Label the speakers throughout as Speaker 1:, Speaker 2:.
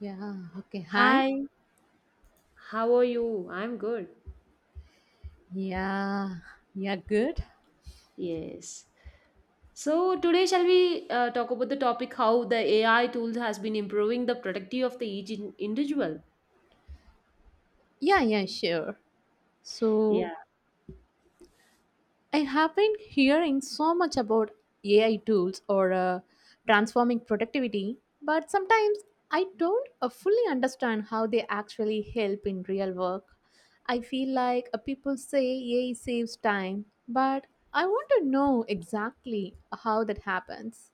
Speaker 1: Yeah, okay. Hi.
Speaker 2: Hi, how are you? I'm good.
Speaker 1: Yeah, yeah, good.
Speaker 2: Yes. So today shall we talk about the topic how the AI tools has been improving the productivity of the each individual?
Speaker 1: Yeah, yeah, sure. So,
Speaker 2: Yeah.
Speaker 1: I have been hearing so much about AI tools or transforming productivity, but sometimes I don't fully understand how they actually help in real work. I feel like people say AI saves time, but I want to know exactly how that happens.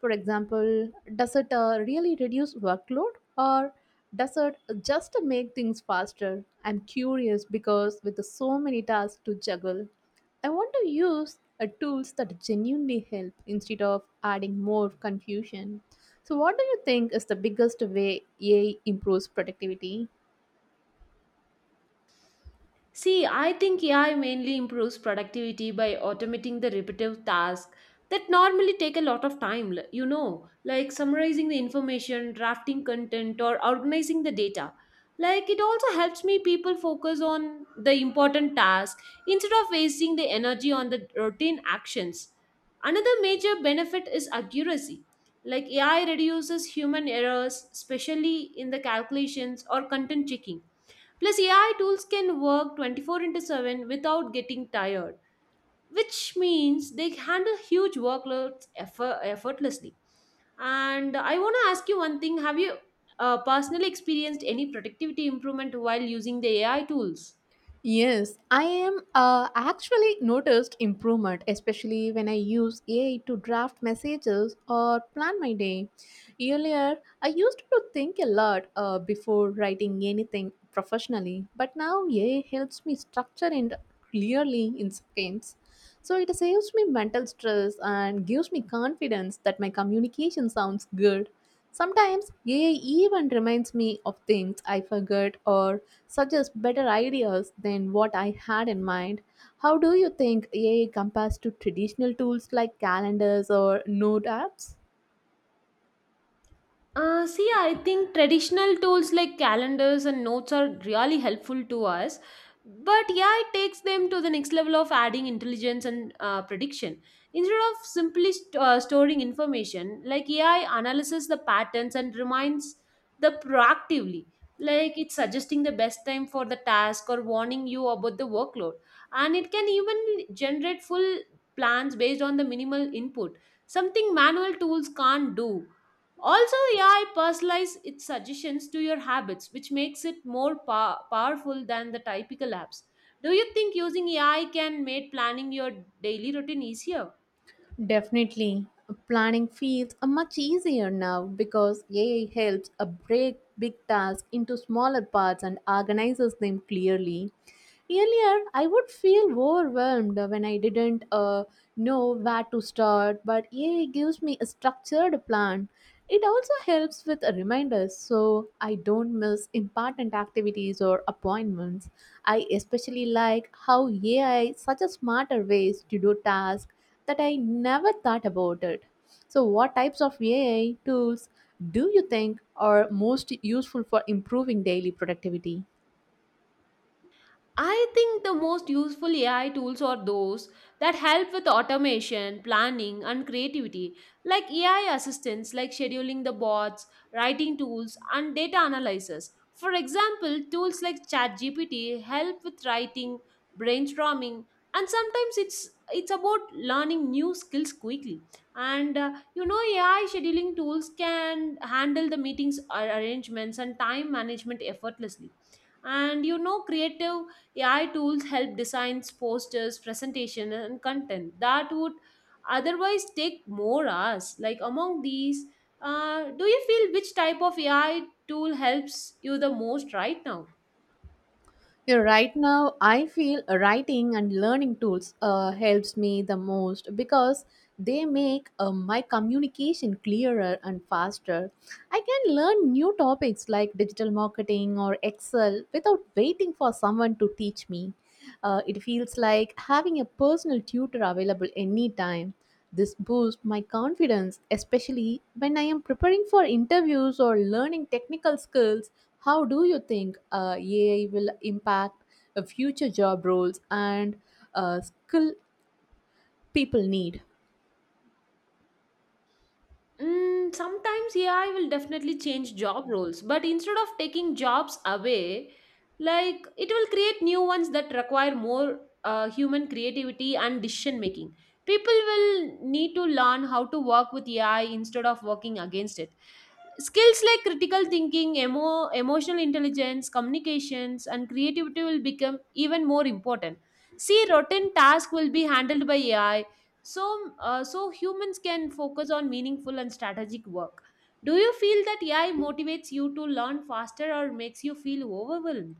Speaker 1: For example, does it really reduce workload or does it just make things faster? I'm curious because with so many tasks to juggle. I want to use tools that genuinely help instead of adding more confusion. So, what do you think is the biggest way AI improves productivity?
Speaker 2: See, I think AI mainly improves productivity by automating the repetitive tasks that normally take a lot of time, you know, like summarizing the information, drafting content, or organizing the data. Like it also helps me people focus on the important task instead of wasting the energy on the routine actions. Another major benefit is accuracy. Like AI reduces human errors, especially in the calculations or content checking. Plus, AI tools can work 24 into 7 without getting tired, which means they handle huge workloads effortlessly. And I want to ask you one thing. Have you personally experienced any productivity improvement while using the AI tools?
Speaker 1: Yes, I am actually noticed improvement, especially when I use AI to draft messages or plan my day. Earlier, I used to think a lot before writing anything professionally, but now AI helps me structure it clearly in seconds. So it saves me mental stress and gives me confidence that my communication sounds good. Sometimes AI even reminds me of things I forgot or suggest better ideas than what I had in mind. How do you think AI compares to traditional tools like calendars or note apps?
Speaker 2: See, I think traditional tools like calendars and notes are really helpful to us. But yeah, it takes them to the next level of adding intelligence and prediction. Instead of simply storing information, like AI analyzes the patterns and reminds the proactively. Like it's suggesting the best time for the task or warning you about the workload. And it can even generate full plans based on the minimal input, something manual tools can't do. Also, AI personalizes its suggestions to your habits, which makes it more powerful than the typical apps. Do you think using AI can make planning your daily routine easier?
Speaker 1: Definitely. Planning feels much easier now because AI helps break big tasks into smaller parts and organizes them clearly. Earlier, I would feel overwhelmed when I didn't know where to start, but AI gives me a structured plan. It also helps with reminders so I don't miss important activities or appointments. I especially like how AI suggests smarter ways to do tasks that I never thought about it. So, what types of AI tools do you think are most useful for improving daily productivity?
Speaker 2: I think the most useful AI tools are those that help with automation, planning, and creativity, like AI assistants, like scheduling the bots, writing tools, and data analysis. For example, tools like ChatGPT help with writing, brainstorming, and sometimes it's about learning new skills quickly. And you know, AI scheduling tools can handle the meetings arrangements and time management effortlessly. And you know, creative AI tools help designs, posters, presentation, and content that would otherwise take more hours. Like among these, do you feel which type of AI tool helps you the most right now?
Speaker 1: Yeah, right now, I feel writing and learning tools helps me the most because they make my communication clearer and faster. I can learn new topics like digital marketing or Excel without waiting for someone to teach me. It feels like having a personal tutor available anytime. This boosts my confidence, especially when I am preparing for interviews or learning technical skills. How do you think AI will impact future job roles and skill people need?
Speaker 2: Sometimes, yeah, I will definitely change job roles, but instead of taking jobs away, like it will create new ones that require more human creativity and decision making. People will need to learn how to work with AI instead of working against it. Skills like critical thinking, emotional intelligence, communications, and creativity will become even more important. See, routine tasks will be handled by AI, so humans can focus on meaningful and strategic work. Do you feel that AI motivates you to learn faster or makes you feel overwhelmed?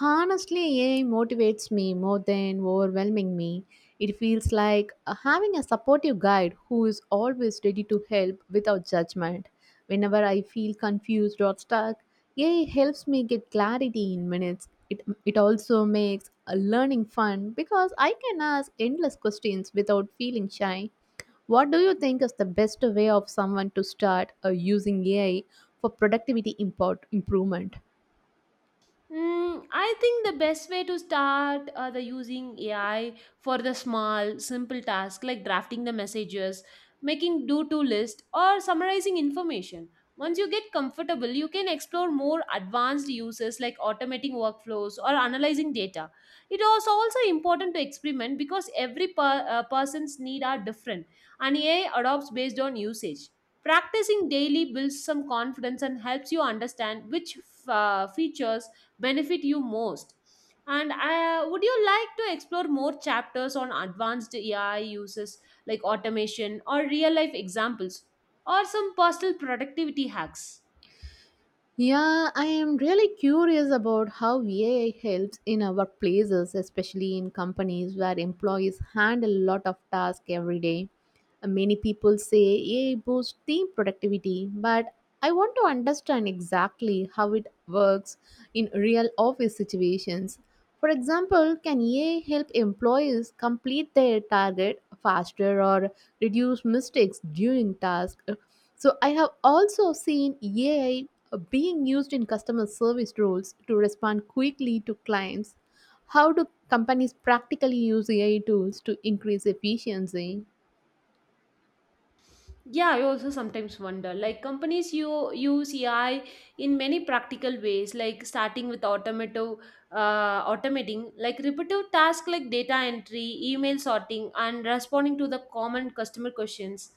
Speaker 1: Honestly, AI motivates me more than overwhelming me. It feels like having a supportive guide who is always ready to help without judgment. Whenever I feel confused or stuck, AI helps me get clarity in minutes. It also makes learning fun because I can ask endless questions without feeling shy. What do you think is the best way of someone to start using AI for productivity import improvement?
Speaker 2: I think the best way to start the using AI for the small, simple task like drafting the messages, making do-to list, or summarizing information. Once you get comfortable, you can explore more advanced uses like automating workflows or analyzing data. It is also important to experiment because every person's need are different, and AI adopts based on usage. Practicing daily builds some confidence and helps you understand which features benefit you most. And I, would you like to explore more chapters on advanced AI uses like automation or real life examples or some personal productivity hacks?
Speaker 1: Yeah, I am really curious about how AI helps in our workplaces, especially in companies where employees handle a lot of tasks every day. Many people say AI boosts team productivity, but I want to understand exactly how it works in real office situations. For example, can AI help employees complete their target faster or reduce mistakes during tasks? So I have also seen AI being used in customer service roles to respond quickly to clients. How do companies practically use AI tools to increase efficiency?
Speaker 2: Yeah, I also sometimes wonder. Like companies you use AI in many practical ways, like starting with automato automating like repetitive tasks like data entry, email sorting, and responding to the common customer questions.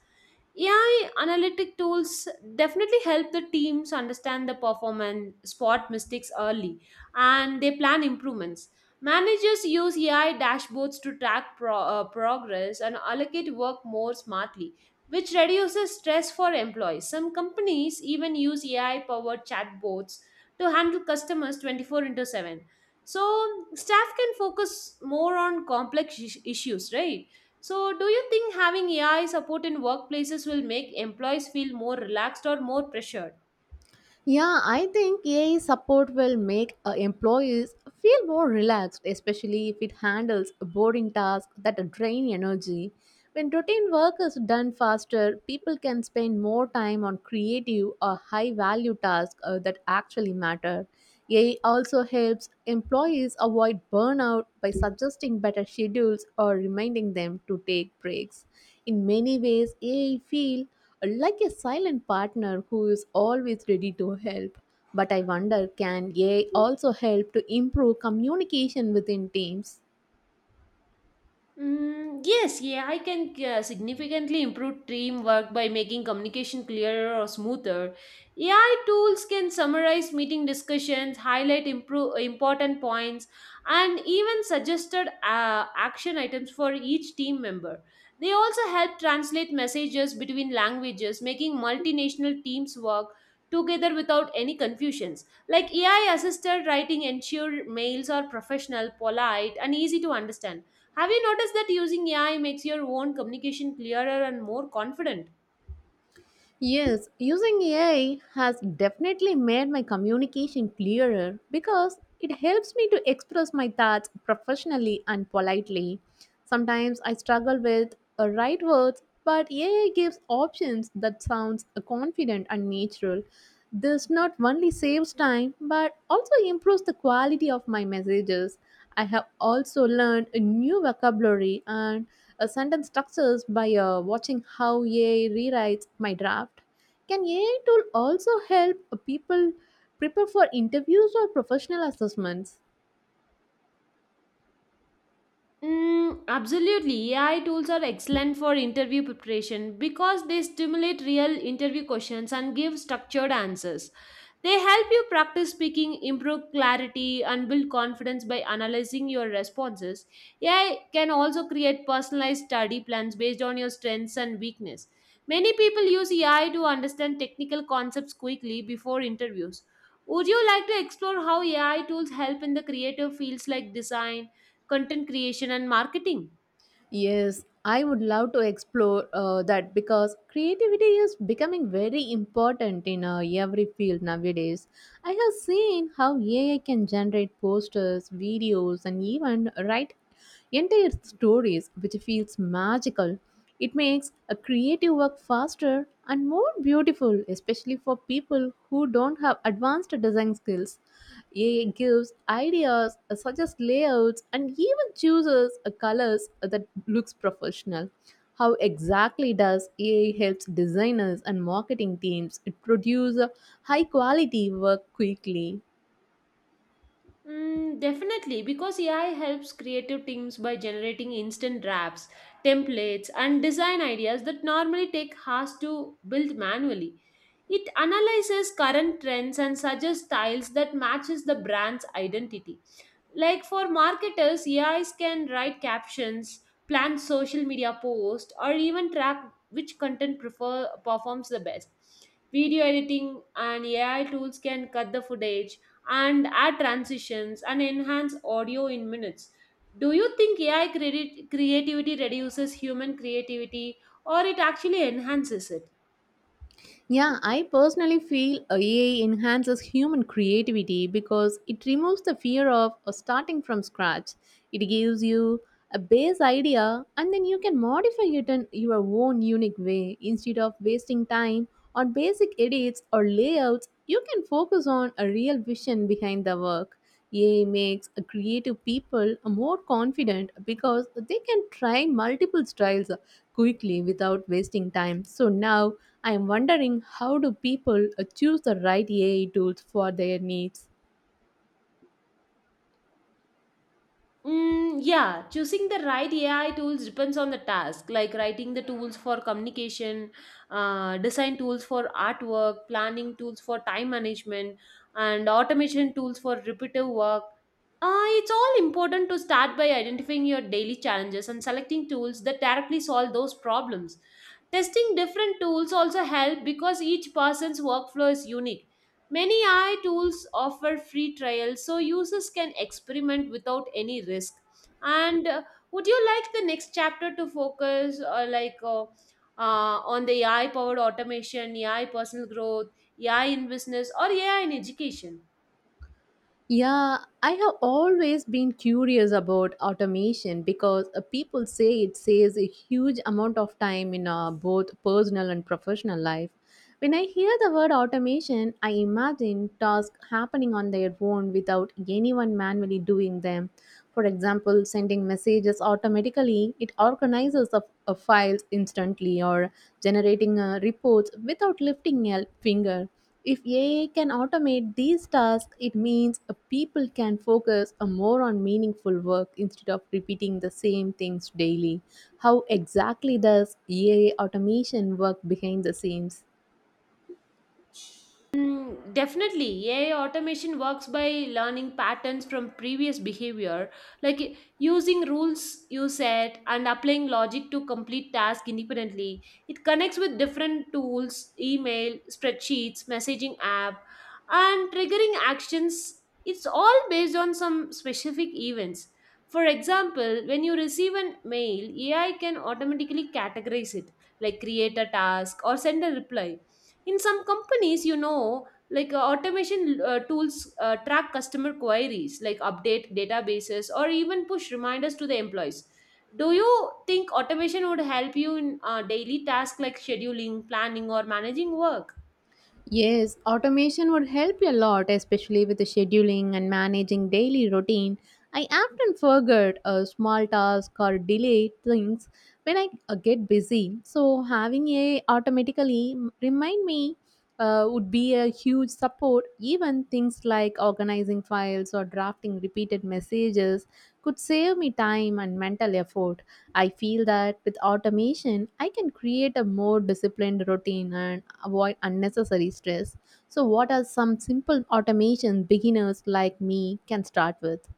Speaker 2: AI analytic tools definitely help the teams understand the performance, spot mistakes early, and they plan improvements. Managers use AI dashboards to track progress and allocate work more smartly, which reduces stress for employees. Some companies even use AI powered chatbots to handle customers 24 into 7. So, staff can focus more on complex issues, right? So, do you think having AI support in workplaces will make employees feel more relaxed or more pressured?
Speaker 1: Yeah, I think AI support will make employees feel more relaxed, especially if it handles boring tasks that drain energy. When routine work is done faster, people can spend more time on creative or high value tasks that actually matter. AI also helps employees avoid burnout by suggesting better schedules or reminding them to take breaks. In many ways, AI feel like a silent partner who is always ready to help. But I wonder, can AI also help to improve communication within teams?
Speaker 2: Yes, AI can significantly improve teamwork by making communication clearer or smoother. AI tools can summarize meeting discussions, highlight important points, and even suggested action items for each team member. They also help translate messages between languages, making multinational teams work together without any confusions. Like AI assisted writing ensure mails are professional, polite, and easy to understand. Have you noticed that using AI makes your own communication clearer and more confident?
Speaker 1: Yes, using AI has definitely made my communication clearer because it helps me to express my thoughts professionally and politely. Sometimes I struggle with the right words, but AI gives options that sounds confident and natural. This not only saves time but also improves the quality of my messages. I have also learned a new vocabulary and a sentence structures by watching how AI rewrites my draft. Can AI tool also help people prepare for interviews or professional assessments?
Speaker 2: Absolutely. AI tools are excellent for interview preparation because they stimulate real interview questions and give structured answers. They help you practice speaking, improve clarity, and build confidence by analyzing your responses. AI can also create personalized study plans based on your strengths and weakness. Many people use AI to understand technical concepts quickly before interviews. Would you like to explore how AI tools help in the creative fields like design, content creation and marketing?
Speaker 1: Yes, I would love to explore that because creativity is becoming very important in every field nowadays. I have seen how AI can generate posters, videos, and even write entire stories, which feels magical. It makes a creative work faster and more beautiful, especially for people who don't have advanced design skills. AI gives ideas, suggests layouts, and even chooses colors that looks professional. How exactly does AI helps designers and marketing teams produce high quality work quickly?
Speaker 2: Definitely, because AI helps creative teams by generating instant drafts, templates, and design ideas that normally take hours to build manually. It analyzes current trends and suggests styles that matches the brand's identity. Like for marketers, AIs can write captions, plan social media posts, or even track which content prefer performs the best. Video editing and AI tools can cut the footage and add transitions and enhance audio in minutes. Do you think AI credit creativity reduces human creativity or it actually enhances it?
Speaker 1: Yeah, I personally feel AI enhances human creativity because it removes the fear of starting from scratch. It gives you a base idea and then you can modify it in your own unique way. Instead of wasting time on basic edits or layouts, you can focus on a real vision behind the work. AI makes a creative people more confident because they can try multiple styles quickly without wasting time. So now I am wondering, how do people choose the right AI tools for their needs?
Speaker 2: Yeah, choosing the right AI tools depends on the task, like writing the tools for communication, design tools for artwork, planning tools for time management, and automation tools for repetitive work. It's all important to start by identifying your daily challenges and selecting tools that directly solve those problems. Testing different tools also help because each person's workflow is unique. Many AI tools offer free trials so users can experiment without any risk. And would you like the next chapter to focus or like on the AI powered automation, AI personal growth, AI in business, or AI in education?
Speaker 1: Yeah, I have always been curious about automation because people say it saves a huge amount of time in both personal and professional life. When I hear the word automation, I imagine tasks happening on their own without anyone manually doing them. For example, sending messages automatically, it organizes the files instantly, or generating reports without lifting a finger. If AI can automate these tasks, it means a people can focus a more on meaningful work instead of repeating the same things daily. How exactly does AI automation work behind the scenes?
Speaker 2: Definitely, AI automation works by learning patterns from previous behavior, like i- using rules you set and applying logic to complete tasks independently. It connects with different tools, email, spreadsheets, messaging app, and triggering actions. It's all based on some specific events. For example, when you receive an mail, AI can automatically categorize it, like create a task or send a reply. In some companies, you know, like automation tools track customer queries, like update databases or even push reminders to the employees. Do you think automation would help you in daily tasks like scheduling, planning or managing work?
Speaker 1: Yes, automation would help a lot, especially with the scheduling and managing daily routine. I often forget a small task or delay things when I get busy. So having a automatically remind me would be a huge support. Even things like organizing files or drafting repeated messages could save me time and mental effort. I feel that with automation, I can create a more disciplined routine and avoid unnecessary stress. So, what are some simple automations beginners like me can start with?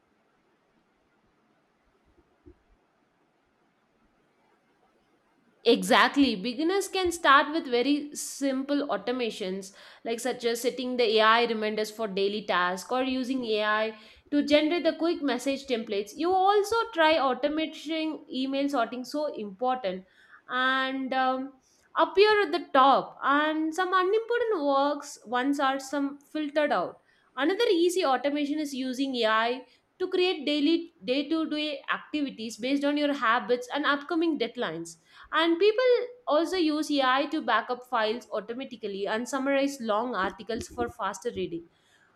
Speaker 2: Exactly. Beginners can start with very simple automations, like such as setting the AI reminders for daily tasks or using AI to generate the quick message templates. You also try automating email sorting, so important, and appear at the top. And some unimportant works once are some filtered out. Another easy automation is using AI to create daily day-to-day activities based on your habits and upcoming deadlines, and people also use AI to back up files automatically and summarize long articles for faster reading.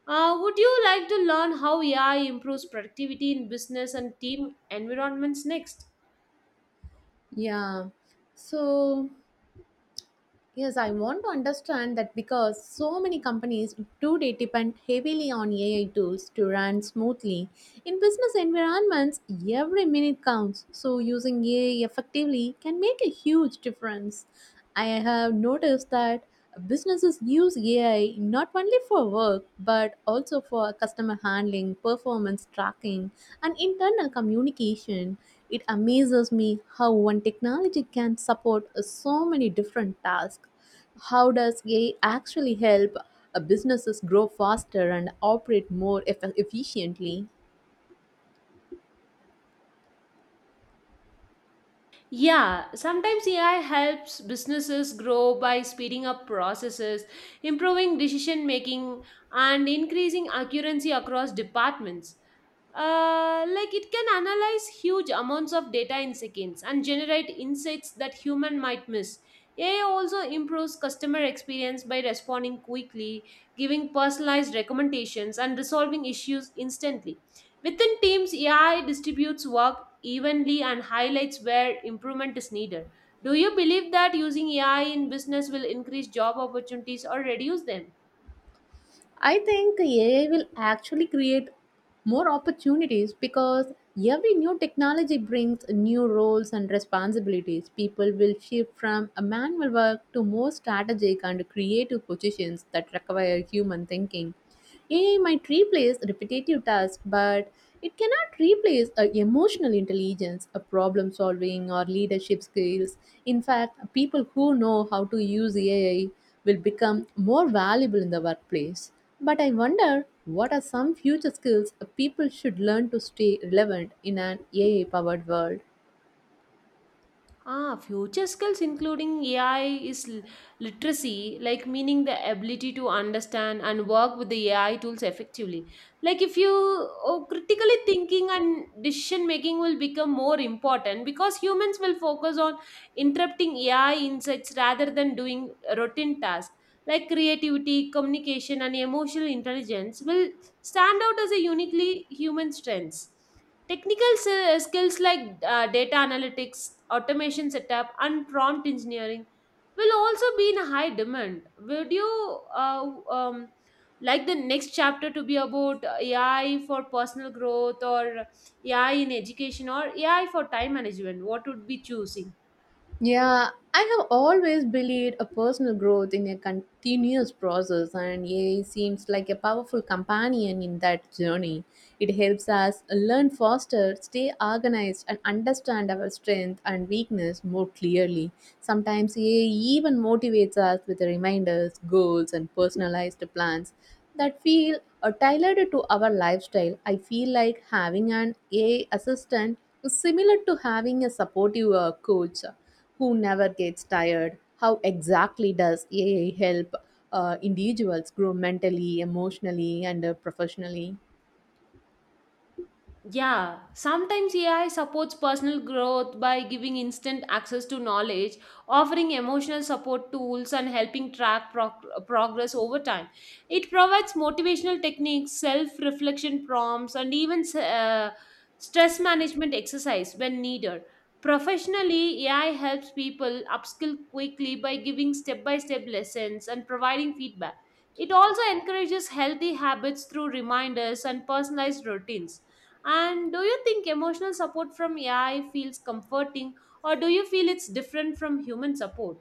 Speaker 2: Would you like to learn how AI improves productivity in business and team environments next?
Speaker 1: Yeah. So Yes, I want to understand that because so many companies today depend heavily on AI tools to run smoothly. In business environments, every minute counts, so using AI effectively can make a huge difference. I have noticed that businesses use AI not only for work but also for customer handling, performance tracking, and internal communication. It amazes me how one technology can support so many different tasks. How does AI actually help businesses grow faster and operate more efficiently?
Speaker 2: Yeah, sometimes AI helps businesses grow by speeding up processes, improving decision making, and increasing accuracy across departments. Like it can analyze huge amounts of data in seconds and generate insights that human might miss. AI also improves customer experience by responding quickly, giving personalized recommendations and resolving issues instantly. Within teams, AI distributes work evenly and highlights where improvement is needed. Do you believe that using AI in business will increase job opportunities or reduce them?
Speaker 1: I think AI will actually create more opportunities because every new technology brings new roles and responsibilities. People will shift from a manual work to more strategic and creative positions that require human thinking. AI might replace repetitive tasks, but it cannot replace emotional intelligence, a problem solving, or leadership skills. In fact, people who know how to use AI will become more valuable in the workplace. But I wonder, what are some future skills people should learn to stay relevant in an AI powered world?
Speaker 2: Future skills including AI is literacy, like meaning the ability to understand and work with the AI tools effectively. Like if you oh, critically thinking and decision making will become more important because humans will focus on interrupting AI insights rather than doing routine tasks. Like creativity, communication, and emotional intelligence will stand out as a uniquely human strengths. Technical skills like data analytics, automation setup, and prompt engineering will also be in high demand. Would you like the next chapter to be about AI for personal growth or AI in education or AI for time management? What would be choosing?
Speaker 1: Yeah, I have always believed a personal growth in a continuous process, and AI seems like a powerful companion in that journey. It helps us learn faster, stay organized, and understand our strength and weakness more clearly. Sometimes AI even motivates us with reminders, goals, and personalized plans that feel tailored to our lifestyle. I feel like having an AI assistant is similar to having a supportive coach who never gets tired. How exactly does AI help individuals grow mentally, emotionally, and professionally?
Speaker 2: Yeah, sometimes AI supports personal growth by giving instant access to knowledge, offering emotional support tools, and helping track progress over time. It provides motivational techniques, self reflection prompts, and even stress management exercise when needed. Professionally, AI helps people upskill quickly by giving step by step lessons and providing feedback. It also encourages healthy habits through reminders and personalized routines. And do you think emotional support from AI feels comforting, or do you feel it's different from human support?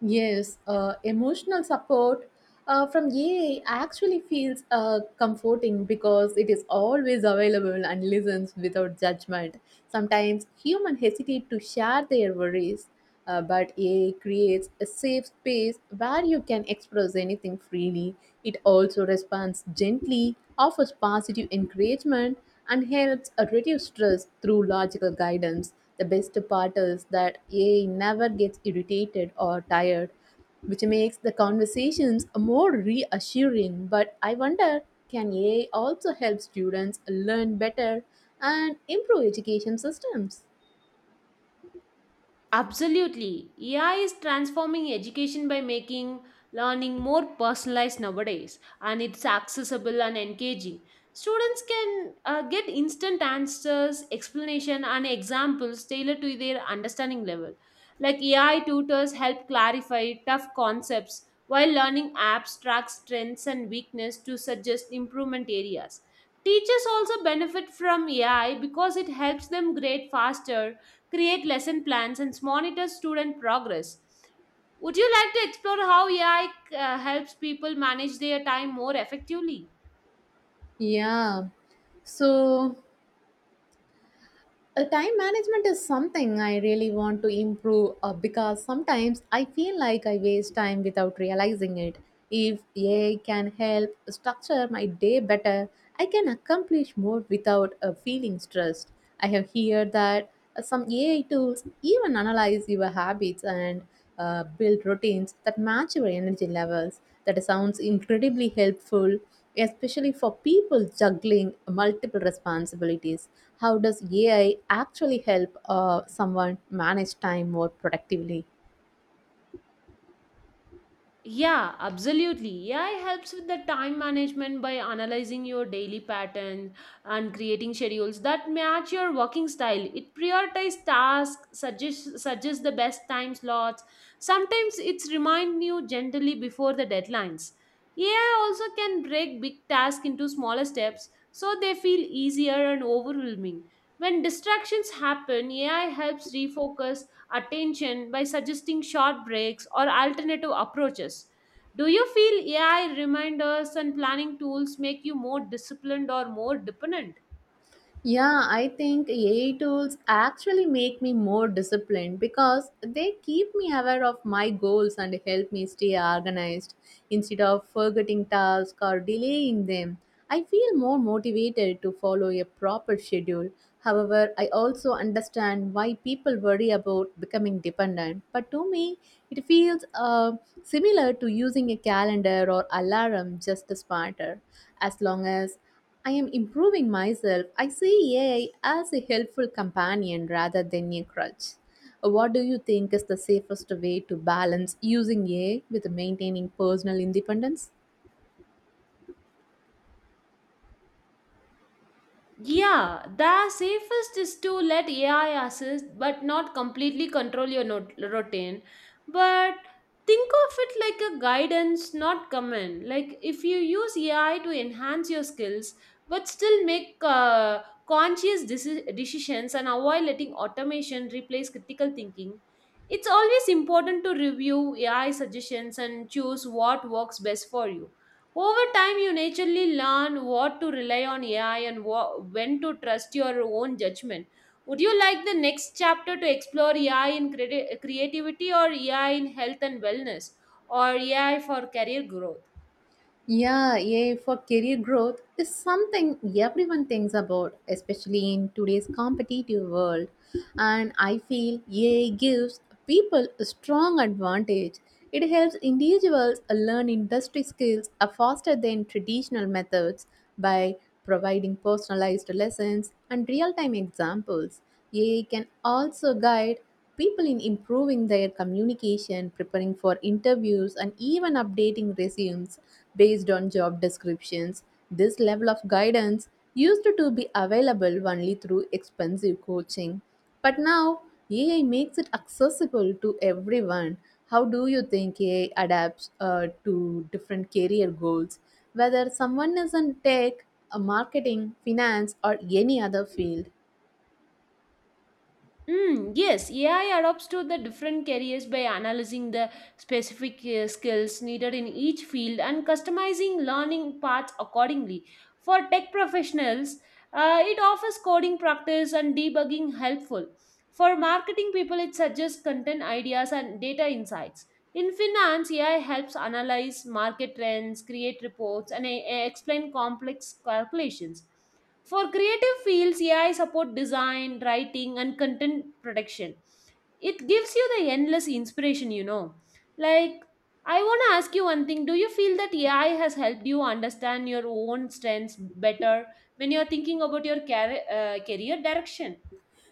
Speaker 1: Yes, emotional support from AI actually feels comforting because it is always available and listens without judgment. Sometimes humans hesitate to share their worries, but AI creates a safe space where you can express anything freely. It also responds gently, offers positive encouragement, and helps reduce stress through logical guidance. The best part is that AI never gets irritated or tired, which makes the conversations more reassuring. But I wonder, can AI also help students learn better and improve education systems?
Speaker 2: Absolutely. AI is transforming education by making learning more personalized nowadays, and it's accessible and engaging. Students can get instant answers, explanation, and examples tailored to their understanding level. Like AI tutors help clarify tough concepts, while learning apps track strengths and weakness to suggest improvement areas. Teachers also benefit from AI because it helps them grade faster, create lesson plans, and monitor student progress. Would you like to explore how AI helps people manage their time more effectively?
Speaker 1: Yeah. So Time management is something I really want to improve because sometimes I feel like I waste time without realizing it. If AI can help structure my day better, I can accomplish more without feeling stressed. I have heard that some AI tools even analyze your habits and build routines that match your energy levels. That sounds incredibly helpful, especially for people juggling multiple responsibilities. How does AI actually help someone manage time more productively?
Speaker 2: Yeah, absolutely. AI helps with the time management by analyzing your daily patterns and creating schedules that match your working style. It prioritizes tasks, suggests the best time slots. Sometimes it's remind you gently before the deadlines. AI also can break big tasks into smaller steps so they feel easier and overwhelming. When distractions happen, AI helps refocus attention by suggesting short breaks or alternative approaches. Do you feel AI reminders and planning tools make you more disciplined or more dependent?
Speaker 1: Yeah, I think AI tools actually make me more disciplined because they keep me aware of my goals and help me stay organized instead of forgetting tasks or delaying them. I feel more motivated to follow a proper schedule. However, I also understand why people worry about becoming dependent. But to me, it feels similar to using a calendar or alarm, just smarter. As long as I am improving myself. I see AI as a helpful companion rather than a crutch. What do you think is the safest way to balance using AI with maintaining personal independence?
Speaker 2: Yeah, the safest is to let AI assist but not completely control your routine. But think of it like a guidance, not command. Like if you use AI to enhance your skills but still make conscious decisions and avoid letting automation replace critical thinking, it's always important to review AI suggestions and choose what works best for you. Over time, you naturally learn what to rely on AI and when to trust your own judgment. Would you like the next chapter to explore AI in creativity, or AI in health and wellness, or AI for career growth?
Speaker 1: Yeah, AI for career growth is something everyone thinks about, especially in today's competitive world. And I feel AI gives people a strong advantage. It helps individuals learn industry skills are faster than traditional methods by providing personalized lessons and real time examples. AI can also guide people in improving their communication, preparing for interviews, and even updating resumes based on job descriptions. This level of guidance used to be available only through expensive coaching. But now, AI makes it accessible to everyone. How do you think AI adapts to different career goals, whether someone is in tech, marketing, finance, or any other field?
Speaker 2: Yes, AI adapts to the different careers by analyzing the specific skills needed in each field and customizing learning paths accordingly. For tech professionals, it offers coding practice and debugging helpful. For marketing people, it suggests content ideas and data insights. In finance, AI helps analyze market trends, create reports, and explain complex calculations. For creative fields, AI support design, writing, and content production. It gives you the endless inspiration, you know. Like, I want to ask you one thing. Do you feel that AI has helped you understand your own strengths better when you're thinking about your career direction?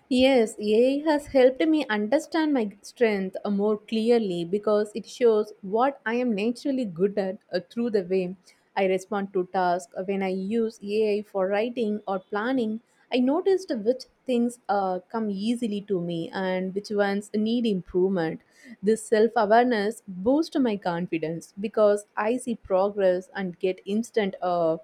Speaker 1: Yes, AI has helped me understand my strength more clearly because it shows what I am naturally good at through the way I respond to tasks. When I use AI for writing or planning, I noticed which things come easily to me and which ones need improvement. This self awareness boosts my confidence because I see progress and get instant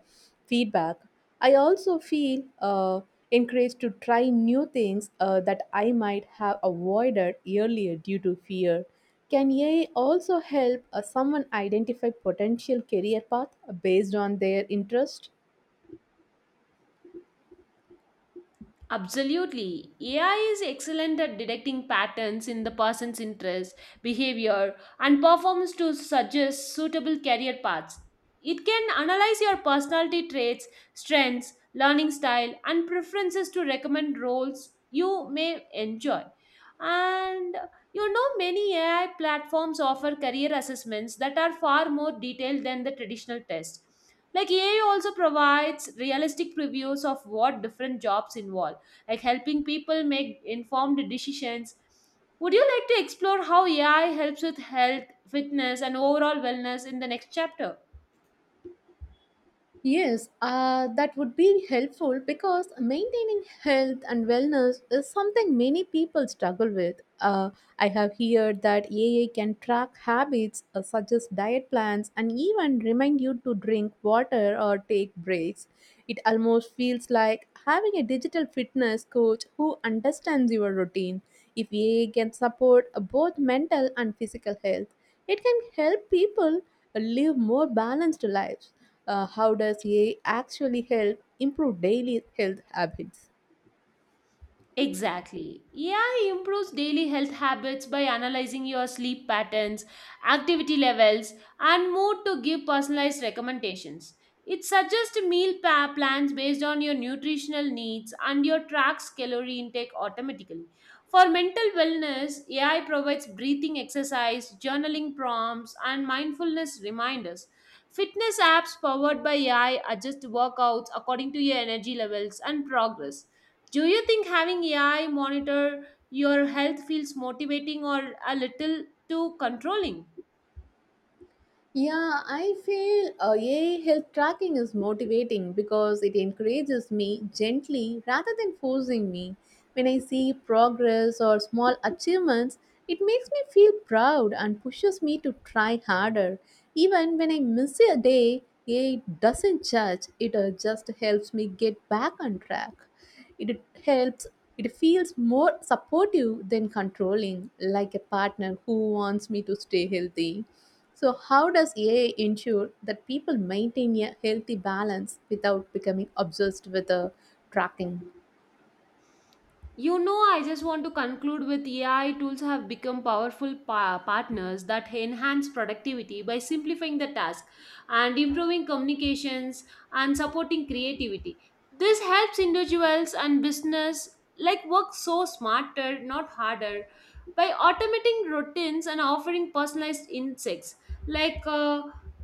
Speaker 1: feedback. I also feel encouraged to try new things that I might have avoided earlier due to fear. Can AI also help someone identify potential career path based on their interest?
Speaker 2: Absolutely. AI is excellent at detecting patterns in the person's interests, behavior, and performance to suggest suitable career paths. It can analyze your personality traits, strengths, learning style, and preferences to recommend roles you may enjoy. And you know, many AI platforms offer career assessments that are far more detailed than the traditional test. Like AI also provides realistic previews of what different jobs involve, like helping people make informed decisions. Would you like to explore how AI helps with health, fitness, and overall wellness in the next chapter?
Speaker 1: Yes, that would be helpful because maintaining health and wellness is something many people struggle with. I have heard that AA can track habits, suggest diet plans, and even remind you to drink water or take breaks. It almost feels like having a digital fitness coach who understands your routine. If AA can support both mental and physical health, it can help people live more balanced lives. How does AI actually help improve daily health habits?
Speaker 2: Exactly. AI improves daily health habits by analyzing your sleep patterns, activity levels, and mood to give personalized recommendations. It suggests meal plans based on your nutritional needs and your tracks calorie intake automatically. For mental wellness, AI provides breathing exercise, journaling prompts, and mindfulness reminders. Fitness apps powered by AI adjust workouts according to your energy levels and progress. Do you think having AI monitor your health feels motivating or a little too controlling?
Speaker 1: Yeah, I feel AI health tracking is motivating because it encourages me gently rather than forcing me. When I see progress or small achievements, it makes me feel proud and pushes me to try harder. Even when I miss a day, AI doesn't judge, it just helps me get back on track. It helps, it feels more supportive than controlling, like a partner who wants me to stay healthy. So, how does AI ensure that people maintain a healthy balance without becoming obsessed with tracking?
Speaker 2: You know, I just want to conclude with AI tools have become powerful partners that enhance productivity by simplifying the task and improving communications and supporting creativity. This helps individuals and business like work so smarter, not harder, by automating routines and offering personalized insights. Like uh,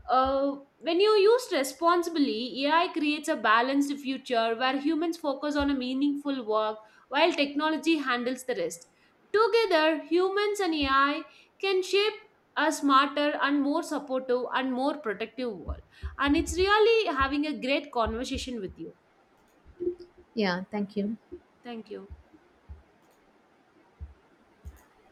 Speaker 2: uh, when you used responsibly, AI creates a balanced future where humans focus on a meaningful work while technology handles the rest. Together, humans and AI can shape a smarter and more supportive and more protective world. And it's really having a great conversation with you.
Speaker 1: Yeah, thank you.
Speaker 2: Thank you.